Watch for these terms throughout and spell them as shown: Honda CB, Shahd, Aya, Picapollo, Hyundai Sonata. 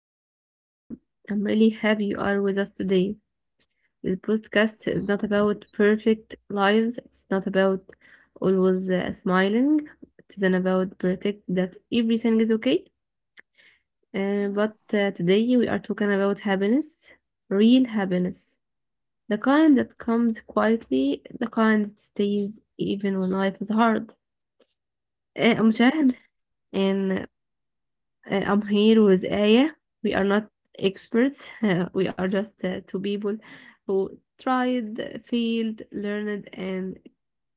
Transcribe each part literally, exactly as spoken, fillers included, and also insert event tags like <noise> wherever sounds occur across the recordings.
hello everyone. I'm really happy you are with us today. This podcast is not about perfect lives. It's not about always uh, smiling. It isn't about protect that everything is okay. Uh, but uh, today we are talking about happiness, real happiness, the kind that comes quietly, the kind that stays even when life is hard. Uh, I'm Shahd, and Uh, I'm here with Aya. We are not experts. <laughs> Uh, we are just uh, two people who tried, failed, learned, and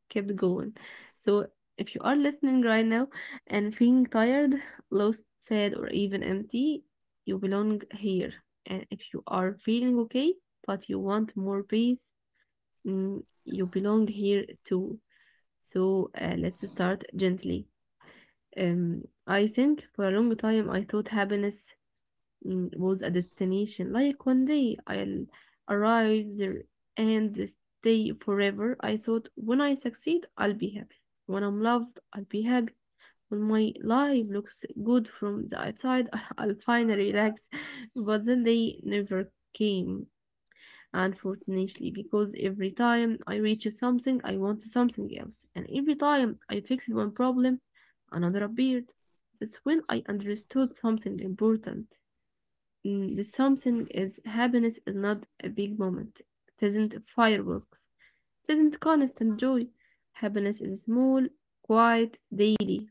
kept going. So, if you are listening right now and feeling tired, lost, sad, or even empty, you belong here. And if you are feeling okay, but you want more peace, mm, you belong here too. So, uh, let's start gently. Um, I think for a long time I thought happiness mm, was a destination. Like one day I'll arrive there and stay forever. I thought when I succeed, I'll be happy. When I'm loved, I'll be happy. When my life looks good from the outside, <laughs> I'll finally relax. <laughs> But then they never came, unfortunately, because every time I reach something, I want something else. And every time I fixed one problem, another appeared. That's when I understood something important. Mm, the something is happiness is not a big moment. It isn't fireworks. It isn't constant joy. Happiness is small, quiet, daily.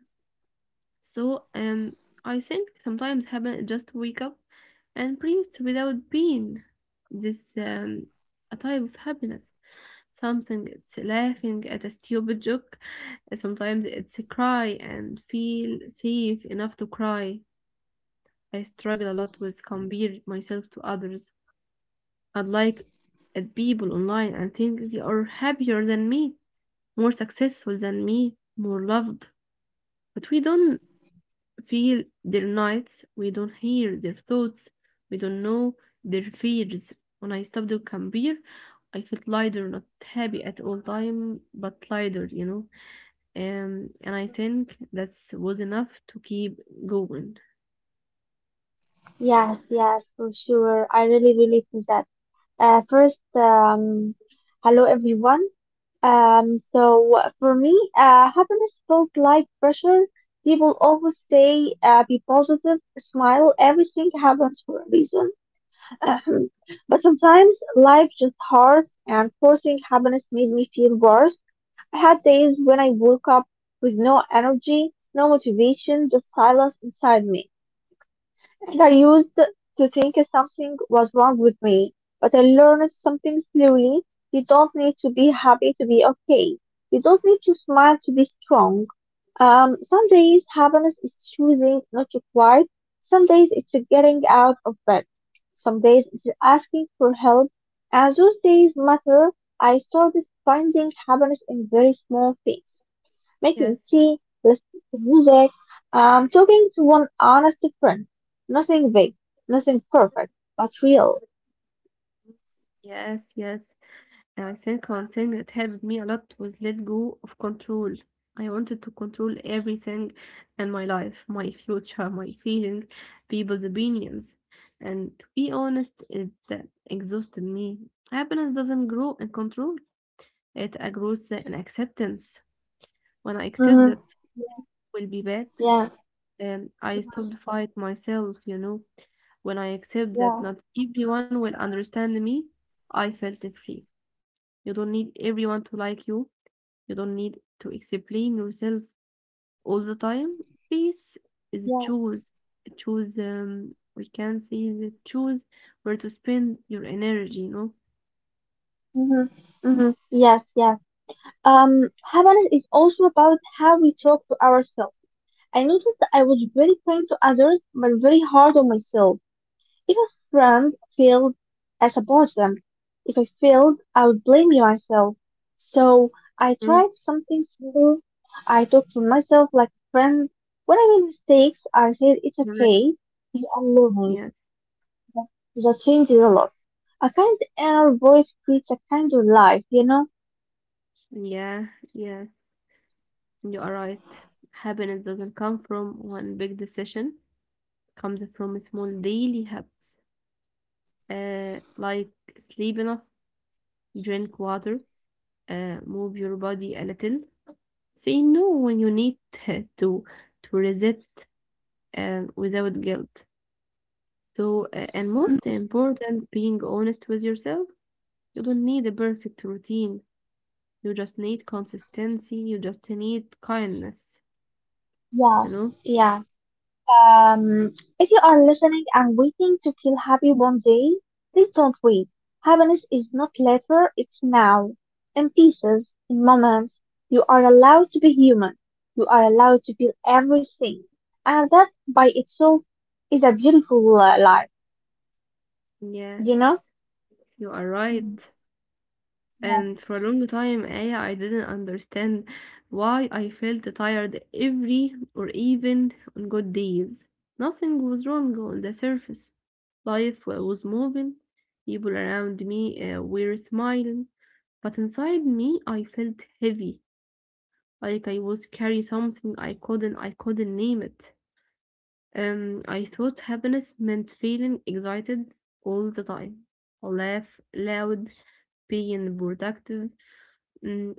So um I think sometimes happiness is just wake up and breathe without pain. This um a type of happiness. Something it's laughing at a stupid joke. Sometimes it's a cry and feel safe enough to cry. I struggle a lot with compare myself to others I like at people online and think they are happier than me, more successful than me, more loved. But we don't feel their nights, we don't hear their thoughts, we don't know their fears. When I stopped to compare, I felt lighter, not happy at all time, but lighter, you know. Um, and I think that was enough to keep going. Yes, yes, for sure. I really relate to that. Uh, first, um, hello everyone. Um, so for me, uh, happiness felt like pressure. People always say, uh, be positive, smile, everything happens for a reason. <laughs> Ahem. But sometimes life just hurts, and forcing happiness made me feel worse. I had days when I woke up with no energy, no motivation, just silence inside me. And I used to think something was wrong with me, but I learned something slowly. You don't need to be happy to be okay. You don't need to smile to be strong. Um, some days happiness is choosing not to cry. Some days it's getting out of bed. Some days it's asking for help. As those days matter, I started finding happiness in very small things making Yes, tea, listening to music, um, talking to one honest friend. Nothing big, nothing perfect, but real. yes, yes. I think one thing that helped me a lot was let go of control. I wanted to control everything in my life, my future, my feelings, people's opinions. And to be honest, it uh, exhausted me. Happiness doesn't grow in control, it uh, grows in acceptance. When I accept that Hmm. things will be bad, Yeah. then I stop Hmm. fight myself, you know. When I accept that Yeah. not everyone will understand me, I felt free. You don't need everyone to like you you don't need to explain yourself all the time. Peace is Yeah. choose. Choose, um, we can say that choose where to spend your energy, you know? Hmm. Hmm. Yes, yes. Um, happiness is also about how we talk to ourselves. I noticed that I was very kind to others, but very hard on myself. If a friend failed as a bottom, if I failed, I would blame myself. So Mm. I tried something simple. I talked to myself like a friend. When I made mistakes, I said it's Correct. okay. You are learning. Yes. That, that changes a lot. A kind inner voice creates a kind of life, you know? Yeah. Yes. You are right. Happiness doesn't come from one big decision. Comes from small daily habits uh, like sleep enough, drink water, uh, move your body a little, say no when you need <laughs> to to resist uh, without guilt. So, uh, and most Mhm. Mhm. important, being honest with yourself. You don't need a perfect routine. You just need Mhm. consistency. You just need kindness. Yeah, You know? yeah. Um, if you are listening and waiting to feel happy one day, please don't wait. Happiness is not later, it's now. In pieces, in moments, you are allowed to be human. You are allowed to feel everything. And that by itself is a beautiful uh, life, Yes, you know? you are right. Hmm. And for a long time I, I didn't understand why I felt tired every or even on good days. Nothing was wrong on the surface. Life wa- was moving, people around me uh, were smiling, but inside me I felt heavy, like I was carrying something I couldn't I couldn't name it. Um, I thought happiness meant feeling excited all the time, laugh loud, being productive Mm,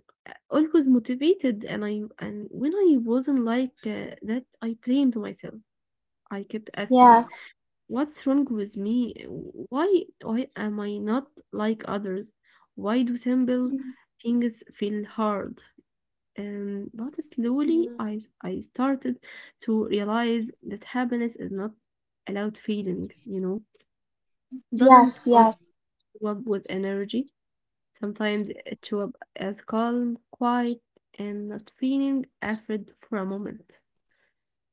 always motivated and I and when I wasn't like uh, that, I blamed myself. I kept asking, Yes. "What's wrong with me? Why why am I not like others? Why do simple things feel hard?" Um, but slowly, Mm-hmm. I I started to realize that happiness is not a loud feeling. You know, Yes, doesn't always yes. go up with energy Sometimes it shows up as calm, quiet, and not feeling afraid for a moment.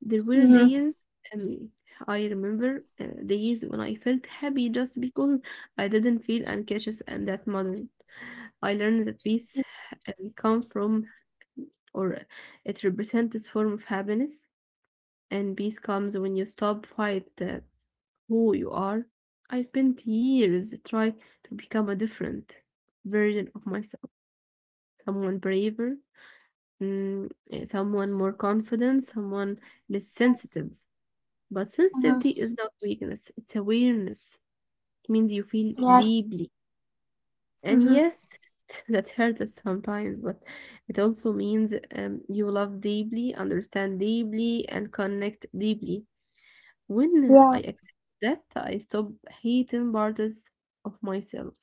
There were Mm-hmm. days, um, I remember uh, days when I felt happy just because I didn't feel anxious and that moment. I learned that peace Mm-hmm. um, comes from, or it represents this form of happiness, and peace comes when you stop fight uh, who you are. I spent years trying to become a different version of myself someone braver, mm, eh, someone more confident, someone less sensitive. But sensitivity is not weakness, it's awareness. It means you feel Yes. deeply. And Mm-hmm. yes, <laughs> that hurts us sometimes, but it also means um, you love deeply, understand deeply, and connect deeply. When I Yeah. accept that, I stop hating parts of myself.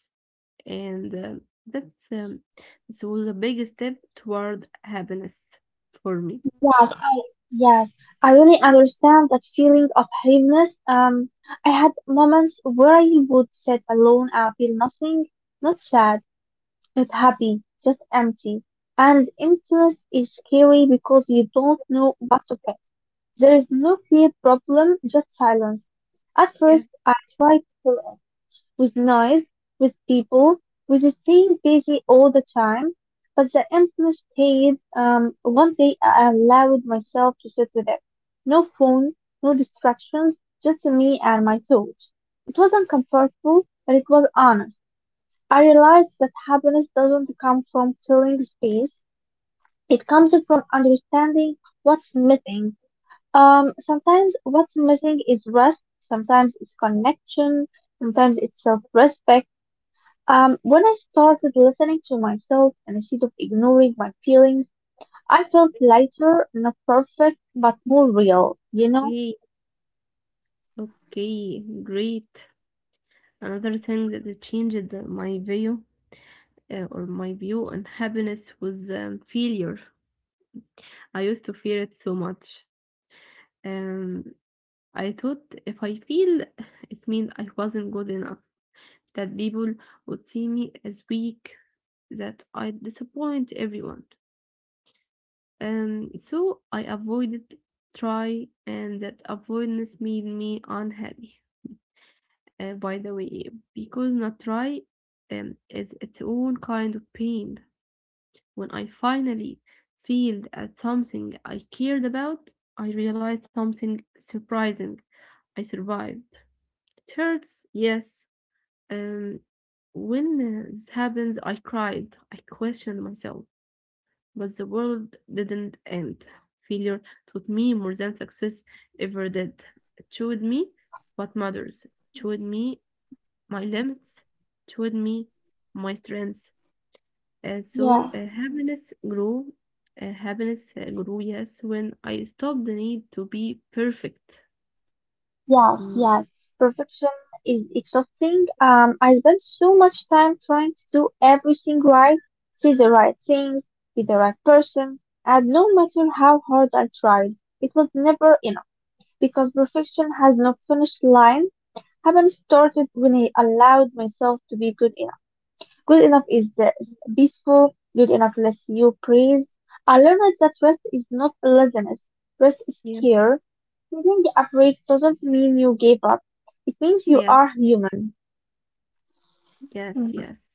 And um, that's um, This was a big step toward happiness for me. Yes. Yes, I really understand that feeling of heaviness. Um, I had moments where I would sit alone and feel nothing, not sad, not happy, just empty. And emptiness is scary because you don't know what to fix. There is no clear problem, just silence. At first, Yes. I tried to fill it with noise, with people, with the same busy all the time. But the emptiness stayed. Um, one day I allowed myself to sit with it. No phone, no distractions, just me and my thoughts. It was uncomfortable, but it was honest. I realized that happiness doesn't come from filling space. It comes from understanding what's missing. Um, sometimes what's missing is rest. Sometimes it's connection. Sometimes it's self-respect um, when I started listening to myself and instead of ignoring my feelings, I felt lighter, not perfect, but more real, you know? Okay, okay, great. Another thing that Mm. changed my view uh, or my view on happiness was um, failure. I used to fear it so much. Um, I thought if I fail, it means I wasn't good enough, that people would see me as weak, that I'd disappoint everyone. Um, so I avoided try, and that avoidance made me unhappy. Uh, by the way, because not try um, is its own kind of pain. When I finally failed at something I cared about, I realized something surprising. I survived. It hurts, yes. Um, when uh, this happens, I cried. I questioned myself. But the world didn't end. Failure taught me more than success ever did. It showed me what matters, it showed me my limits, it showed me my strengths. And so Yeah, uh, happiness grew. Uh, happiness uh, grew, yes, when I stopped the need to be perfect. yes, Mm. yes. Perfection is exhausting. Um, I spent so much time trying to do everything right, say the right things, be the right person, and no matter how hard I tried, it was never enough because perfection has no finish line. Haven't started when I allowed myself to be good enough. Good enough is uh, peaceful. Good enough lets you praise. I learned that rest is not laziness. Rest is Yeah, care. Feeling afraid doesn't mean you gave up. It means you yeah. are human. Yes, Mm-hmm. yes.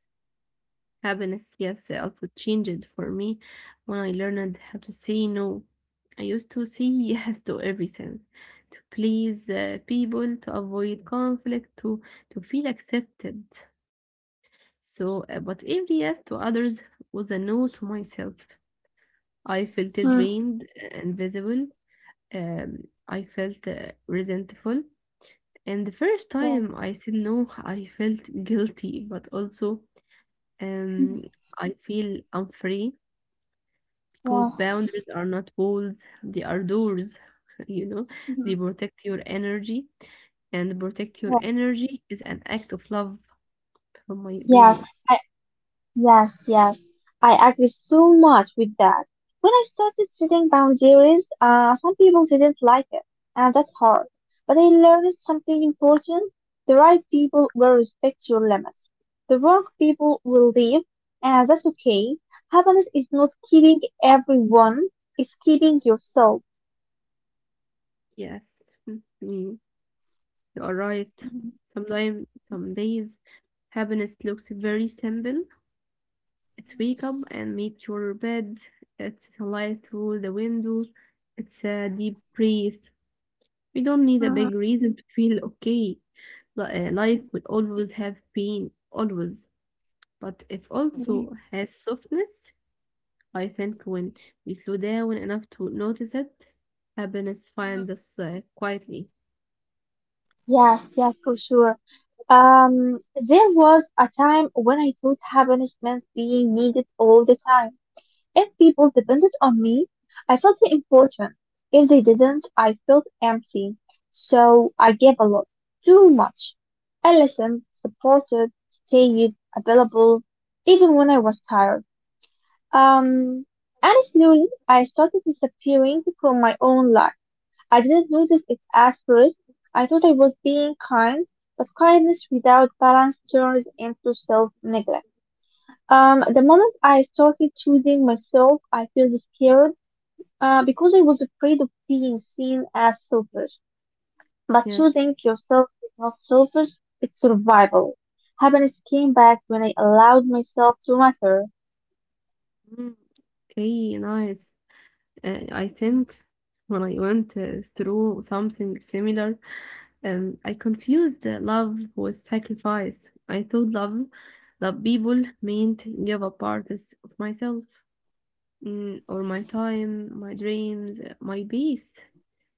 Happiness, yes, also changed for me when I learned how to say no. I used to say <laughs> yes to everything, to please uh, people, to avoid conflict, to, to feel accepted. So, uh, but every yes to others was a no to myself. I felt Yeah. drained, invisible. Um, I felt uh, resentful. And the first Mhm. time I said no, I felt guilty, but also um, I feel unfree. 'Cause Yeah. boundaries are not walls, they are doors, <laughs> you know? Mhm. They protect your energy, and protect your Yeah. energy is an act of love, from my Yeah. opinion. Yes. Yes, yes. I agree so much with that. When I started setting boundaries, uh, some people didn't like it, and that's hard. But I learned something important. The right people will respect your limits. The wrong people will leave, and that's okay. Happiness is not keeping everyone, it's keeping yourself. Yes. Mm, mm, you are right. Mm-hmm. Sometimes, some Yeah. days, happiness looks very simple. It's wake up and make your bed. It's sunlight through the window. It's a deep breath. You don't need a Uh-huh. big reason to feel okay. Li- uh, Life Yeah. will always have pain, always. But it also Mhm. has softness. I think when we slow down enough to notice it, happiness finds us uh, quietly. Yes, yes, for sure. Um, there was a time when I thought happiness meant being needed all the time. If people depended on me, I felt important. If they didn't, I felt empty. So I gave a lot, too much. I listened, supported, stayed available, even when I was tired. Um, and slowly I started disappearing from my own life. I didn't notice it at first. I thought I was being kind, but kindness without balance turns into self-neglect. Um, the moment I started choosing myself, I felt scared uh, because I was afraid of being seen as selfish. But Yes. choosing yourself is not selfish, it's survival. Happiness came back when I allowed myself to matter. Mm, Okay, nice. Uh, I think when I went uh, through something similar, um, I confused uh, love with sacrifice. I thought love, love people meant give up parts of myself, mm, or my time, my dreams, uh, my peace.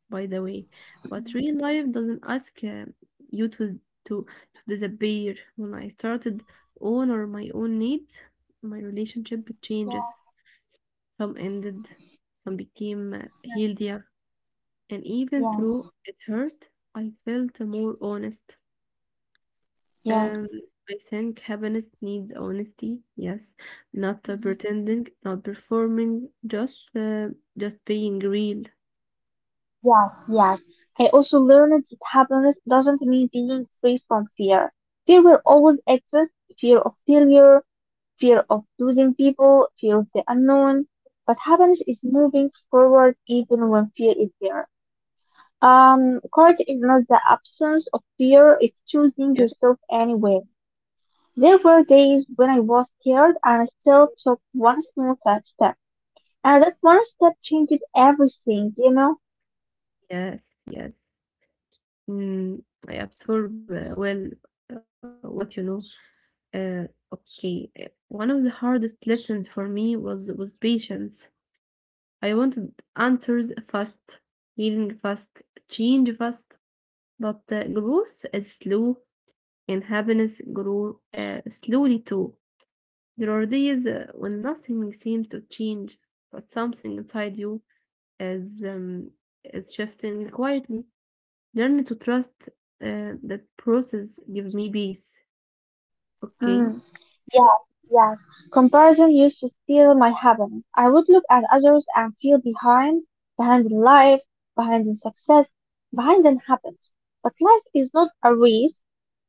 By the way. But Mhm. real life doesn't ask uh, you to, to to disappear. When I started on or my own needs, my relationship Yeah, changes. Some ended, some became uh, healthier, and even though it hurt, I felt more honest. yeah, Um, I think happiness needs honesty. Yes, not uh, yeah. pretending, not performing, just uh, just being real. Yes, yes. I also learned that happiness doesn't mean being free from fear. Fear will always exist, fear of failure, fear of losing people, fear of the unknown. But happiness is moving forward even when fear is there. Um, courage is not the absence of fear, it's choosing Yes, yourself anyway. There were days when I was scared and I still took one small step. And that one step changed everything, you know? yes, yes. Mm, I absorb uh, well uh, what you know. Uh, okay, uh, one of the hardest lessons for me was was patience. I wanted answers fast, healing fast, change fast, but uh, growth is slow, and happiness grow uh, slowly too. There are days uh, when nothing seems to change, but something inside you is um, is shifting quietly. Learn to trust uh, that process gives me peace. Okay, Mm, yes, yes. Comparison used to steal my happiness. I would look at others and feel behind, behind in life, behind in success, behind in happiness. But life is not a race.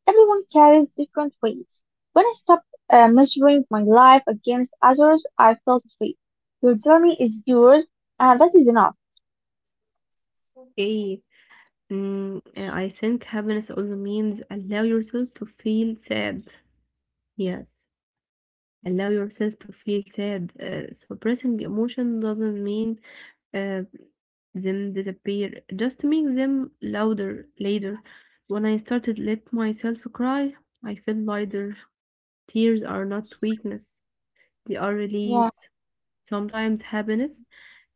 Everyone carries different weights. When I stopped uh, measuring my life against others, I felt free. Your journey is yours, and that is enough. okay. Mm, uh, I think happiness also means allow yourself to feel sad. Yes, allow yourself to feel sad. Uh, suppressing emotion doesn't mean uh, them disappear, just make them louder later. When I started let myself cry, I felt lighter. Tears are not weakness, they are Yeah. release. Sometimes happiness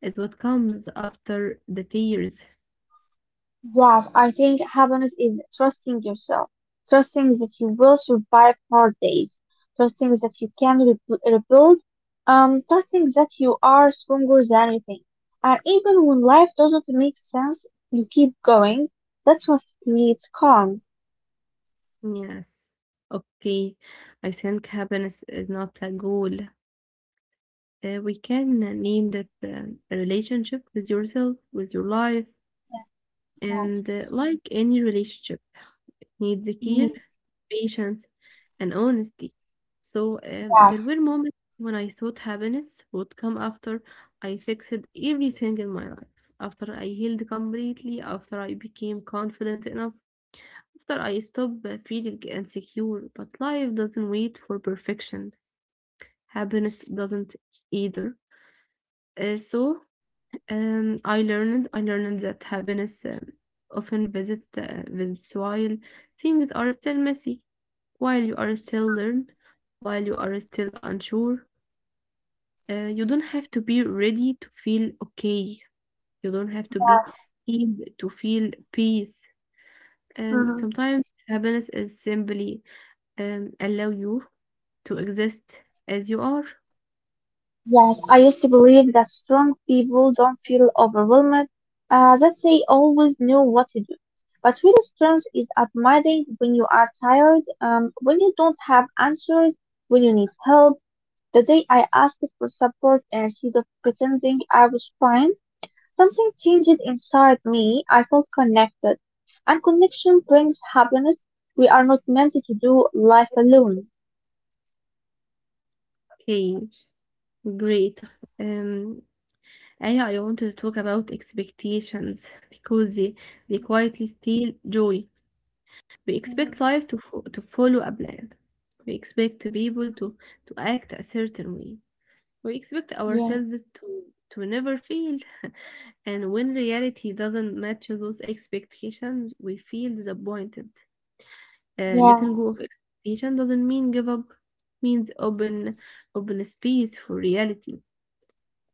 is what comes after the tears. Wow, I think happiness is trusting yourself, trusting that you will survive hard days, trusting that you can re- rebuild, um, trusting that you are stronger than anything. And even when life doesn't make sense, you keep going. That trust creates calm. Yes. Okay. I think happiness is not a goal. Uh, we can name that um, a relationship with yourself, with your life, and Yes. uh, like any relationship. It needs care, Mhm. patience, and honesty. So um, there Yes. were moments when I thought happiness would come after I fixed everything in my life, after I healed completely, after I became confident enough, after I stopped uh, feeling insecure. But life doesn't wait for perfection. Happiness doesn't either. Uh, so um, I learned I learned that happiness um, often visit uh, visits while things are still messy, while you are still learn, while you are still unsure. Uh, you don't have to be ready to feel okay. You don't have to be Yes. healed to feel peace. Um, Mhm. Sometimes happiness is simply um, allow you to exist as you are. Yes, I used to believe that strong people don't feel overwhelmed, uh, that they always know what to do. But real strength is admiring when you are tired, um, when you don't have answers, when you need help. The day I asked for support instead of pretending I was fine, something changed inside me. I felt connected. And connection brings happiness. We are not meant to do life alone. Okay, great. Um, And yeah, I want to talk about expectations because they, they quietly steal joy. We Mhm. expect life to, fo- to follow a plan. We expect people to, to act a certain way. We expect Yeah, ourselves to, to never fail. <laughs> And when reality doesn't match those expectations, we feel disappointed. Uh, yeah. Letting go of expectation doesn't mean give up, means open open space for reality.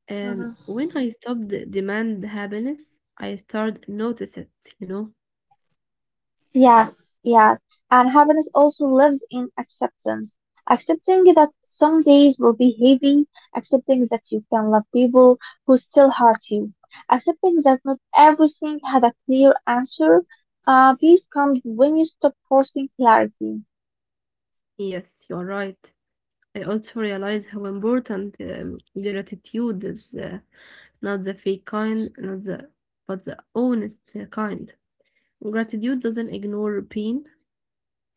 Um, when I stopped demand happiness, I started notice it, you know? Yeah, yeah. And happiness also lives in acceptance. Accepting that some days will be heavy, accepting that you can love people who still hurt you, accepting that not everything had a clear answer. Uh, peace comes when you stop forcing clarity. Yes, you are right. I also realize how important um, gratitude is, uh, not the fake kind, not the, but the honest uh, kind. Gratitude doesn't ignore pain,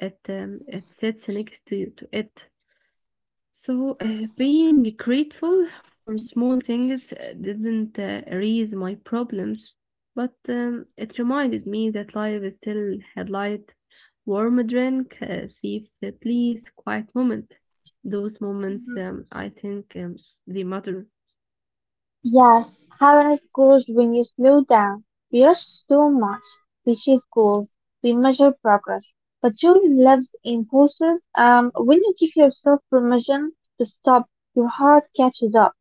it, um, it sits next to, to it. So, uh, being grateful for small things uh, didn't uh, erase my problems, but um, it reminded me that life is still had light, warm drink, uh, safe uh, place, quiet moment. Those moments, um, I think, um, they matter. Yes, happiness grows when you slow down. We rush so much. We chase goals. We measure progress. But joy lives in pauses. Um, when you give yourself permission to stop, your heart catches up.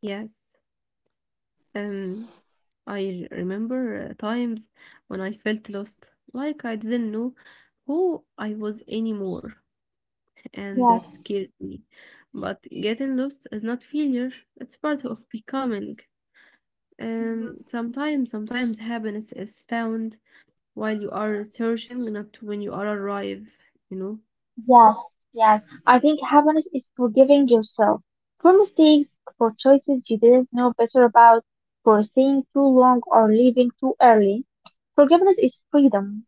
Yes. Um, I remember uh, times when I felt lost, like I didn't know who I was anymore, and Yes, that scared me. But getting lost is not failure, it's part of becoming. mhm, Um, sometimes, sometimes happiness is found while you are searching, not when you are arrive. You know, yes, yes. I think happiness is forgiving yourself for mistakes, for choices you didn't know better about, for staying too long or leaving too early. Forgiveness is freedom.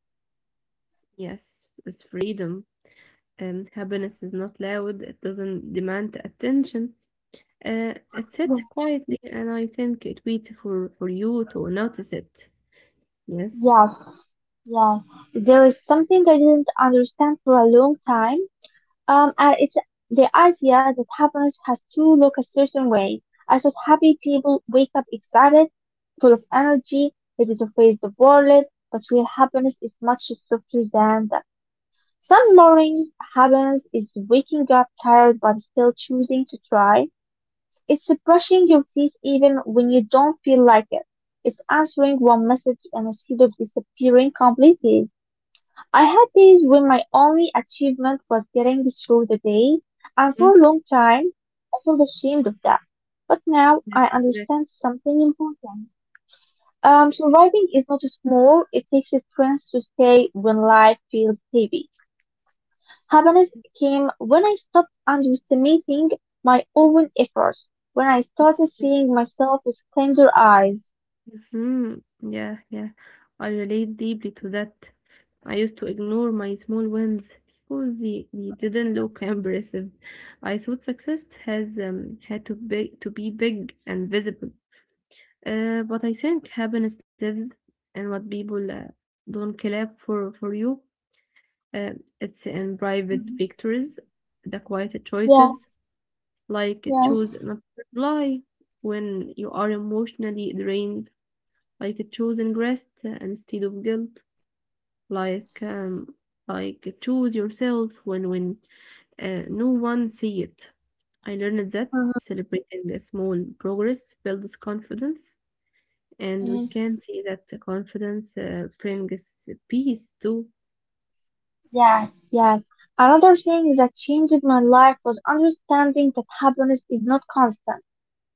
yes, it's freedom, and happiness is not loud. It doesn't demand attention. Uh, it sits quietly, and I think it waits for for you to notice it. Yes. Yes. Yeah, there is something I didn't understand for a long time, um, and it's the idea that happiness has to look a certain way. I thought happy people wake up excited, full of energy, ready to face the world, but real happiness is much softer than that. Some mornings, happiness is waking up tired but still choosing to try. It's brushing your teeth even when you don't feel like it. It's answering one message and instead of disappearing completely. I had days when my only achievement was getting through the day, and for Mm, a long time I felt ashamed of that. But now that's I correct. understand something important. Um, surviving is not small, it takes strength to stay when life feels heavy. Happiness came when I stopped underestimating my own efforts, when I started seeing myself with kinder eyes. Mhm. Yeah, yeah. I relate deeply to that. I used to ignore my small wins because they, they didn't look <laughs> impressive. I thought success has um, had to be to be big and visible. Uh, but I think happiness lives in what people uh, don't clap for for you. Uh, it's in private Mhm. victories, the quiet Yeah, choices, like yeah. choose not to reply when you are emotionally drained, like choosing rest uh, instead of guilt, like um, like choose yourself when when uh, no one see it. I learned that Mhm. celebrating the small progress builds confidence, and we can see that the confidence uh, brings peace too. Yes, yes. Another thing that changed my life was understanding that happiness is not constant.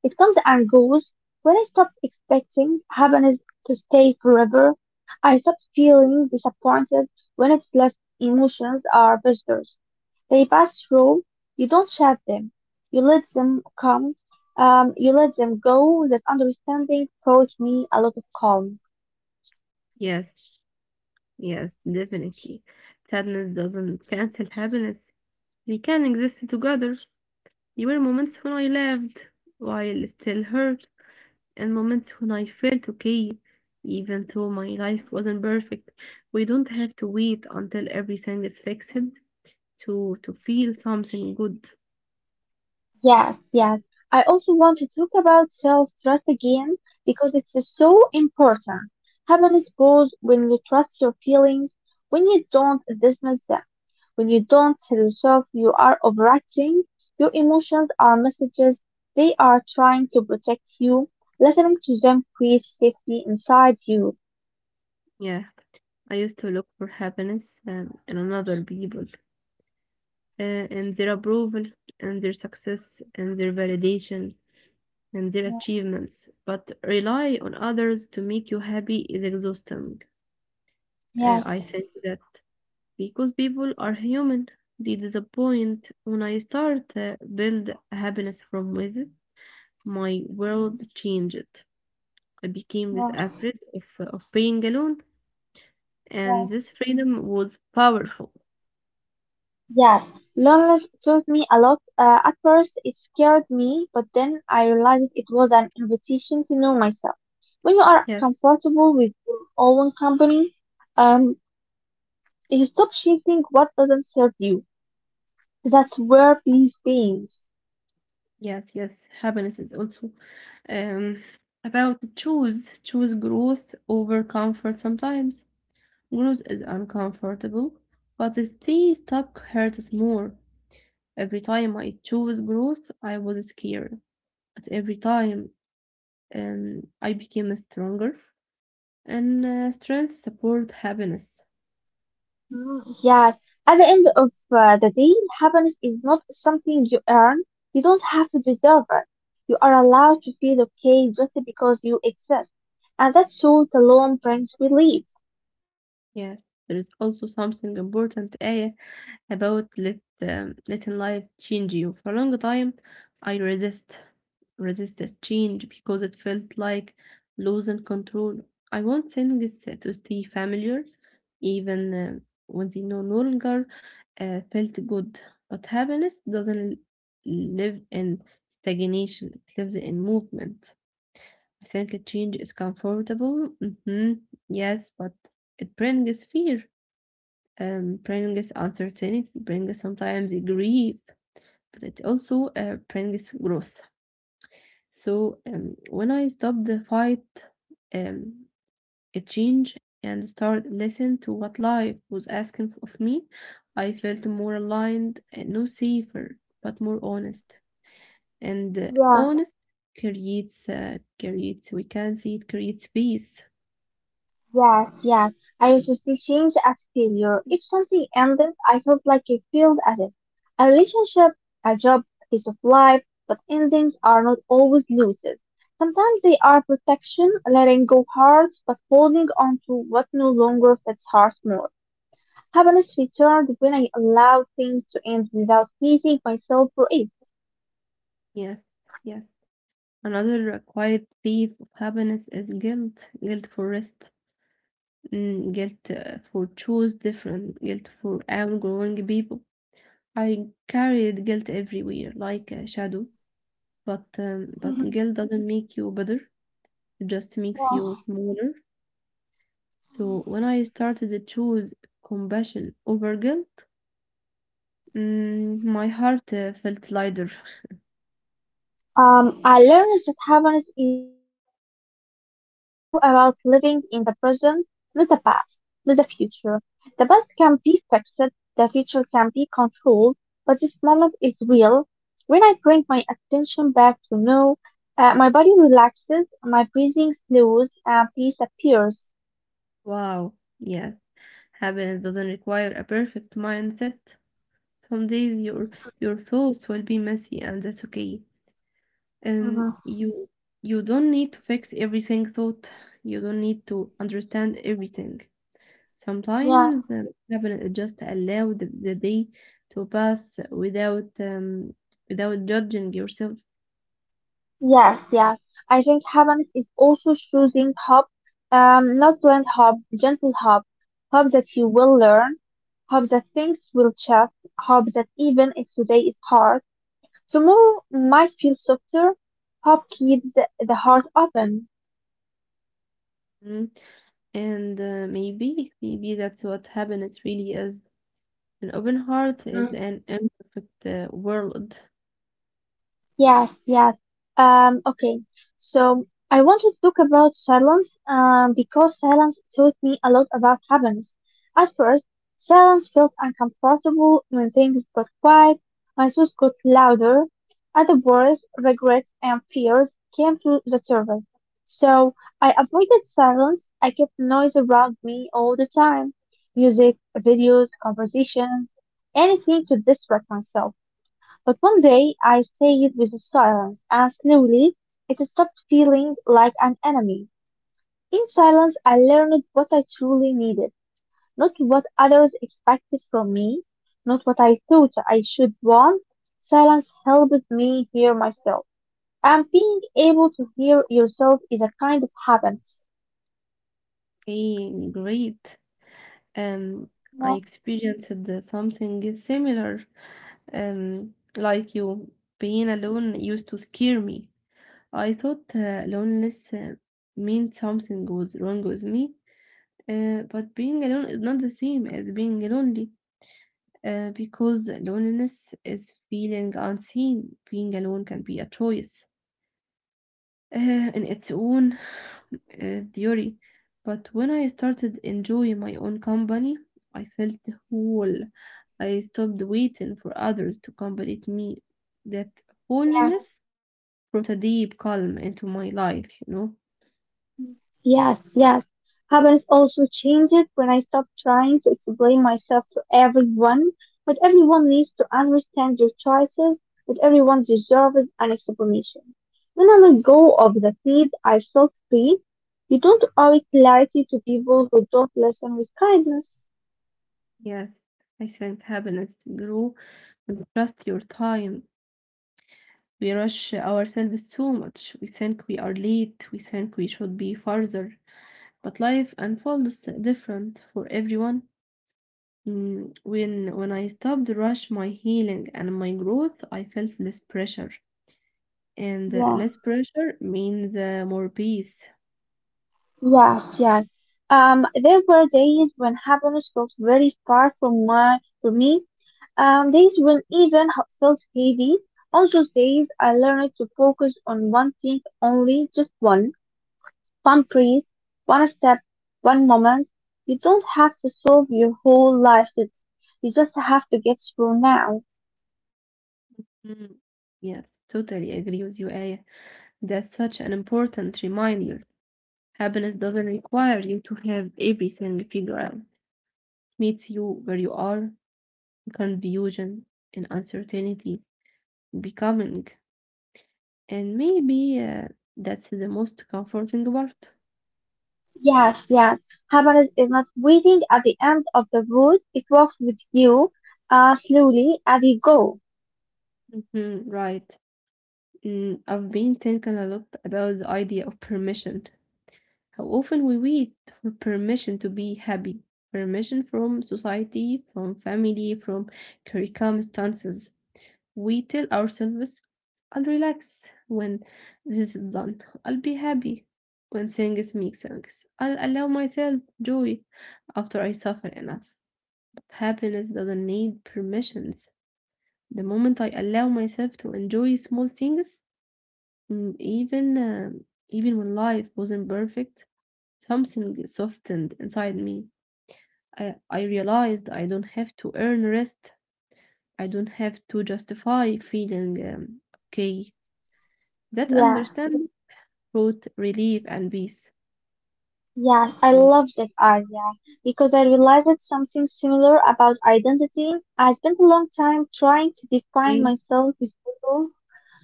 It comes and goes. When I stopped expecting happiness to stay forever, I stopped feeling disappointed when it left. Emotions are visitors. They pass through. You don't shut them. You let them come. Um, you let them go. That understanding brought me a lot of calm. Yes, yes, definitely. Sadness doesn't <laughs> Hmm. cancel happiness. They can exist together. There were moments when I laughed while still hurt, and moments when I felt okay, even though my life wasn't perfect. We don't have to wait until everything is fixed to to feel something good. Yes, yes. I also want to talk about self-trust again because it's so important. Happiness grows when you trust your feelings, when you don't dismiss them, when you don't tell yourself you are overacting. Your emotions are messages. They are trying to protect you. Listening to them creates safety inside you. Yeah, I used to look for happiness um, in another people, uh, in their approval, in their success, in their validation, and their Yeah, achievements, but rely on others to make you happy is exhausting. Uh, yeah, I think that because people are human, they disappoint. When I start uh, build happiness from within, my world changed. I became this yeah, afraid of, of being alone, yeah. and this freedom was powerful. Yeah, loneliness taught me a lot. Uh, at first, it scared me, but then I realized it was an invitation to know myself. When you are Yes, comfortable with your own company, um, you stop chasing what doesn't serve you. That's where peace begins. yes, yes. Happiness is also um, about choose choose growth over comfort sometimes. Growth is uncomfortable, but it staying stuck hurts more. Every time I chose growth, I was scared. But every time um, I became stronger, and uh, strength support happiness. Mm, yeah, at the end of uh, the day, happiness is not something you earn. You don't have to deserve it. You are allowed to feel okay just because you exist, and that thought alone brings relief. Yes, there is also something important, Aya, about let um, letting life change you. For a long time, I resist resisted change because it felt like losing control. I want things to stay familiar, even uh, when they no no longer uh, felt good. But happiness doesn't live in stagnation; it lives in movement. I think a change is comfortable. Hmm. Yes, but it brings fear, um, brings uncertainty, brings sometimes grief, but it also uh, brings growth. So um, when I stopped the fight, um, a change and started listen to what life was asking of me, I felt more aligned and no safer, but more honest. And uh, Yeah. honest creates uh, creates we can see it creates peace. Yes, yes. I used to see change as failure. If something ended, I felt like I failed at it. A relationship, a job, a piece of life, but endings are not always losses. Sometimes they are protection, letting go hurts, but holding on to what no longer fits hurts more. Happiness returned when I allowed things to end without hating myself for it. Yes, yes. Another quiet thief of happiness is guilt. Guilt for rest, mm, guilt uh, for choose different, guilt for outgrowing people. I carried guilt everywhere, like a shadow. But um, but Mhm. guilt doesn't make you better, just makes you Wow. smaller. So when I started to choose compassion over guilt, mm, my heart uh, felt lighter. <laughs> Um, I learned that happiness is also about living in the present, not the past, not the future. The past can be fixed, the future can be controlled, but this moment is real. When I bring my attention back to now, uh, my body relaxes, my breathing slows, and peace appears. Wow, yes, happiness doesn't require a perfect mindset. Some days your your thoughts will be messy, and that's okay. And Mhm. you you don't need to fix everything thought. You don't need to understand everything. Yeah. Sometimes uh, travel just allow the, the day to pass without um, without judging yourself. Yes, yes. I think Havans is also choosing hope, um, not blind hope, gentle hope, hope that you will learn, hope that things will change, hope that even if today is hard, tomorrow might feel softer. Hope keeps the the heart open. Mm. And uh, maybe maybe that's what happiness really is. An open heart is an imperfect uh, world. Yes, yes. Um, okay. So I want to talk about silence, um, because silence taught me a lot about happiness. At first, silence felt uncomfortable when things got quiet. My thoughts got louder, other worries, regrets, and fears came to the surface. So I avoided silence. I kept noise around me all the time. Music, videos, conversations, anything to distract myself. But one day I stayed with the silence, and slowly it stopped feeling like an enemy. In silence, I learned what I truly needed, not what others expected from me, not what I thought I should want. Silence helped me hear myself, and being able to hear yourself is a kind of happiness. Okay, great. Um, I Yeah, experienced uh, something similar. Um, like you, being alone used to scare me. I thought uh, loneliness uh, meant something was wrong with me. Uh, but being alone is not the same as being lonely uh, because loneliness is feeling unseen. Being alone can be a choice uh, in its own uh, theory. But when I started enjoying my own company, I felt whole. I stopped waiting for others to complete me. That yeah. wholeness brought a deep calm into my life, you know? Yes, yes. Happiness also changed when I stopped trying to explain myself to everyone. But everyone needs to understand your choices, that everyone deserves an explanation. When I let go of the feed, I felt free. You don't owe clarity to people who don't listen with kindness. Yes, I think happiness grow when you trust your time. We rush ourselves so much. We think we are late. We think we should be farther. But life unfolds different for everyone. Mm, When when I stopped rush my healing and my growth, I felt less pressure, and uh, Yeah, less pressure means uh, more peace. yes, yes. Um, there were days when happiness felt very far from my, from me. Um, days when even h- felt heavy. On those days, I learned to focus on one thing only, just one. One breath, one step, one moment. You don't have to solve your whole life. to- You just have to get through now. Mm, yes, totally agree with you, Aya. That's such an important reminder. Happiness doesn't require you to have everything figured out. It meets you where you are, confusion and uncertainty becoming, and maybe uh, that's the most comforting part. Yes, yes. Happiness is not waiting at the end of the road. It walks with you, uh, slowly as you go. Mhm, right. Mm, I've been thinking a lot about the idea of permission, how often we wait for permission to be happy, permission from society, from family, from curriculum stances. We tell ourselves, I'll relax when this is done. I'll be happy when things make sense. I'll allow myself joy after I suffer enough. But happiness doesn't need permissions. The moment I allow myself to enjoy small things, mm, even um, even when life wasn't perfect, something softened inside me. I, I realized I don't have to earn rest. I don't have to justify feeling um, okay. That Yeah. understanding brought relief and peace. Yeah, I Um, love that idea because I realized that something similar about identity. I spent a long time trying to okay. define myself as beautiful,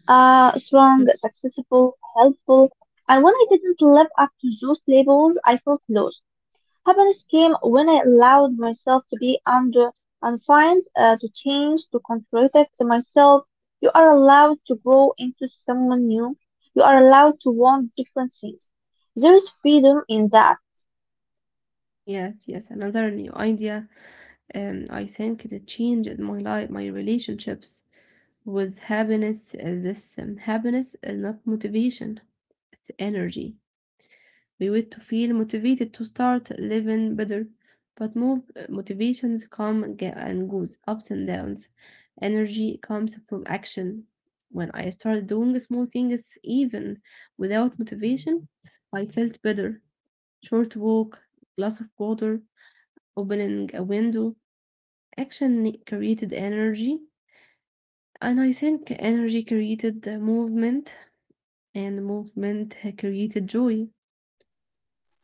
uh, Mm, strong, successful, helpful, and when I didn't live up to those labels, I felt lost. Happiness came when I allowed myself to be under undefined, uh, to change, to contradict myself. You are allowed to grow into someone new. You are allowed to want different things. There is freedom in that. yes, yes, another new idea. Um, I think it changed my life, my relationships with happiness. Uh, This um, happiness is not motivation, it's energy. We wait to feel motivated to start living better, but move motivations come and ge- and goes, ups and downs. Energy comes from action. When I started doing small things, even without motivation, I felt better. Short walk, glass of water, opening a window. Action created energy, and I think energy created uh, movement, and movement created joy.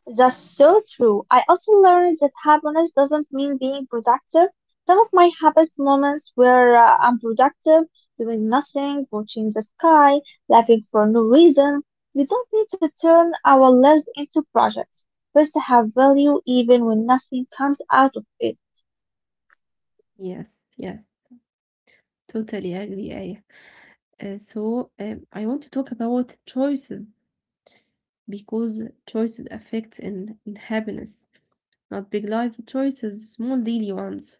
That's so true. I also learned that happiness doesn't mean being productive. Some of my happiest moments were uh, unproductive, doing nothing, watching the sky, laughing for no reason. We don't need to turn our lives into projects. First, have value even when nothing comes out of it. Yes, yes, totally agree. Uh, so um, I want to talk about choices because choices affect in, in happiness, not big life choices, small daily ones.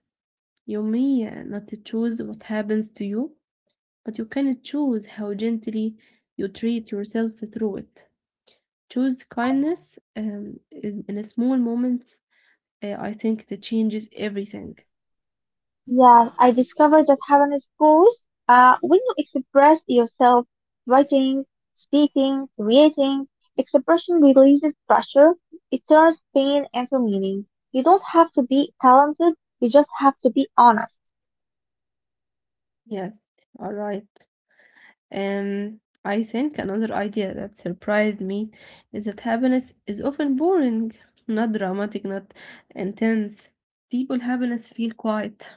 You may uh, not choose what happens to you, but you can choose how gently you treat yourself through it. Choose kindness um, in, in a small moments. Uh, I think it changes everything. Yeah, I discovered that happiness grows uh, when you express yourself, writing, speaking, creating. Expression releases pressure. It turns pain into meaning. You don't have to be talented. You just have to be honest. Yes, all right. Um, I think another idea that surprised me is that happiness is often boring, not dramatic, not intense. People happiness feel quiet,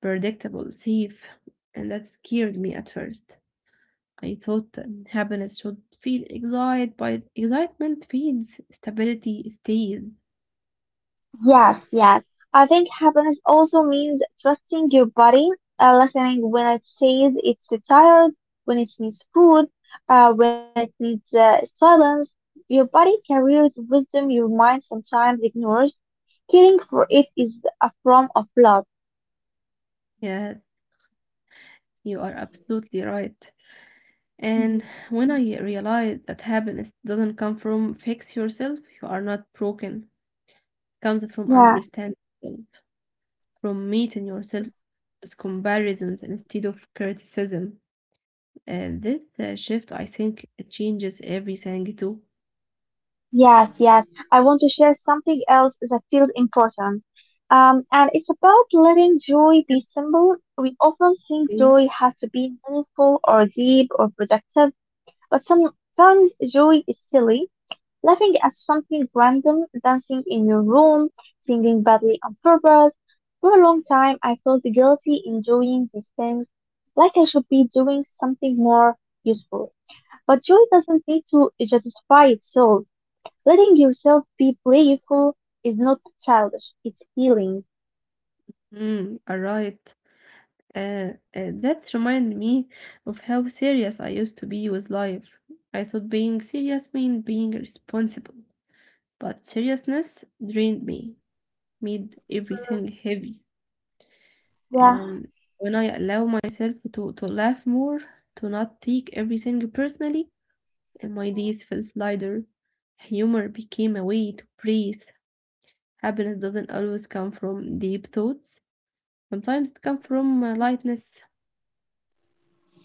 predictable, safe, and that scared me at first. I thought um, happiness should feel excited by excitement feeds stability stays. Yes, yes. I think happiness also means trusting your body, uh, listening when it says it's tired, when it needs food, uh, when it needs uh, silence. Your body carries wisdom your mind sometimes ignores. Caring for it is a form of love. Yes, you are absolutely right. And Mhm. when I realized that happiness doesn't come from fix yourself, you are not broken, comes from Yeah. understanding, from meeting yourself with comparisons instead of criticism. And this uh, shift, I think, it changes everything too. Yes, yes. I want to share something else that feels important. Um, and it's about letting joy be simple. We often think Okay. joy has to be meaningful or deep or productive, but sometimes joy is silly. Laughing at something random, dancing in your room, singing badly on purpose. For a long time, I felt guilty enjoying these things, like I should be doing something more useful. But joy doesn't need to justify itself. Letting yourself be playful is not childish, it's healing. Mm, all right. Uh, uh, that reminded me of how serious I used to be with life. I thought being serious meant being responsible, but seriousness drained me, made Mm, everything heavy. yeah, Um, when I allow myself to, to laugh more, to not take everything personally, and my days felt lighter. Humor became a way to breathe. Happiness doesn't always come from deep thoughts. Sometimes it comes from uh, lightness.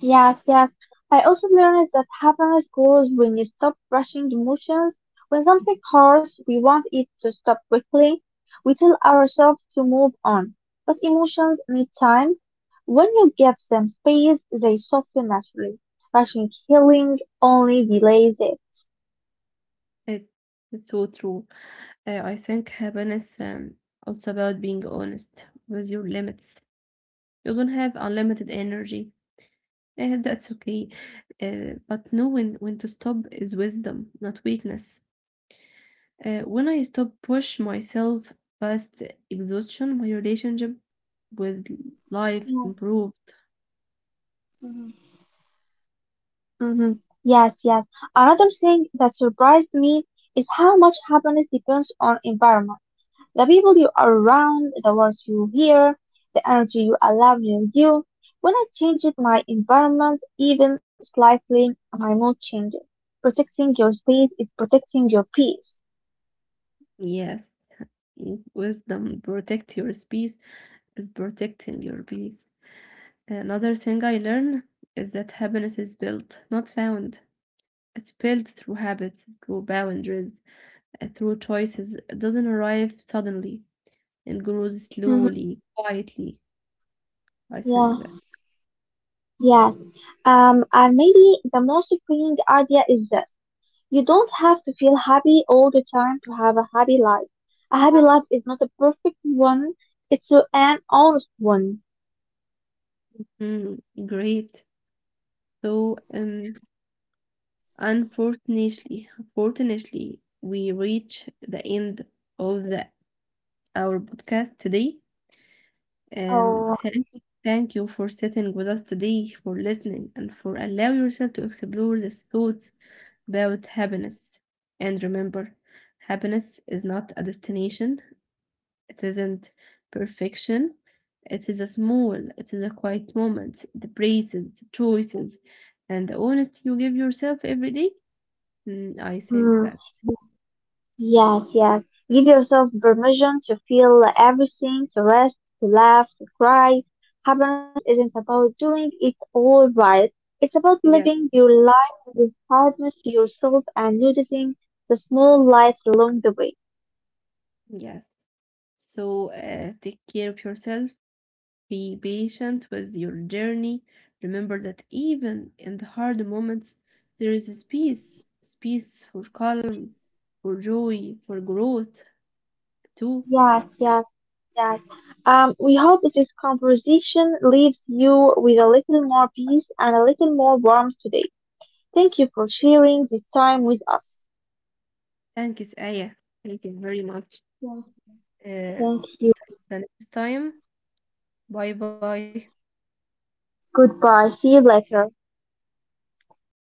yes, yes. I also learned that happiness grows when you stop rushing emotions. When something hurts, we want it to stop quickly. We tell ourselves to move on. But emotions need time. When you give them space, they soften naturally. Rushing healing only delays it. It, it's so true. Uh, I think happiness um, also about being honest with your limits. You don't have unlimited energy. <laughs> And that's okay. Uh, but knowing when to stop is wisdom, not weakness. Uh, when I stop push myself past exhaustion, my relationship with life Mm, improved. mhm. Hmm. Yes, yes. Another thing that surprised me is how much happiness depends on environment. The people you are around, the words you hear, the energy you allow in you. When I changed my environment even slightly, my mood changes. Protecting your space is protecting your peace. Yes, mm, wisdom protect your space is protecting your peace. Another thing I learned is that happiness is built, not found. It's built through habits, through boundaries, uh, through choices. It doesn't arrive suddenly. It grows Hmm. slowly, quietly. I think Yeah, that. yeah. Um, and maybe the most freeing idea is this. You don't have to feel happy all the time to have a happy life. A happy life is not a perfect one, it's a- an honest one. Mm, great. So, um, Yeah. Unfortunately, Fortunately, we reach the end of the our podcast today. Um, Oh, thank you, thank you for sitting with us today, for listening, and for allow yourself to explore these thoughts about happiness. And remember, happiness is not a destination. It isn't perfection. It is a small, it is a quiet moment, the praises, the choices, and the honesty you give yourself every day. Mm, I think hmm. that, Yes, yes. Give yourself permission to feel everything, to rest, to laugh, to cry. Happiness isn't about doing it all right. It's about yeah. living your life with kindness to yourself and noticing the small lights along the way. Yes. So uh, take care of yourself. Be patient with your journey. Remember that even in the hard moments, there is a space, space for calm, for joy, for growth too. Yes, yes. Yes. Um, we hope this conversation leaves you with a little more peace and a little more warmth today. Thank you for sharing this time with us. Thank you, Aya. Thank you very much. Thank you. Uh, Thank you. the next time. Bye bye. Goodbye. See you later.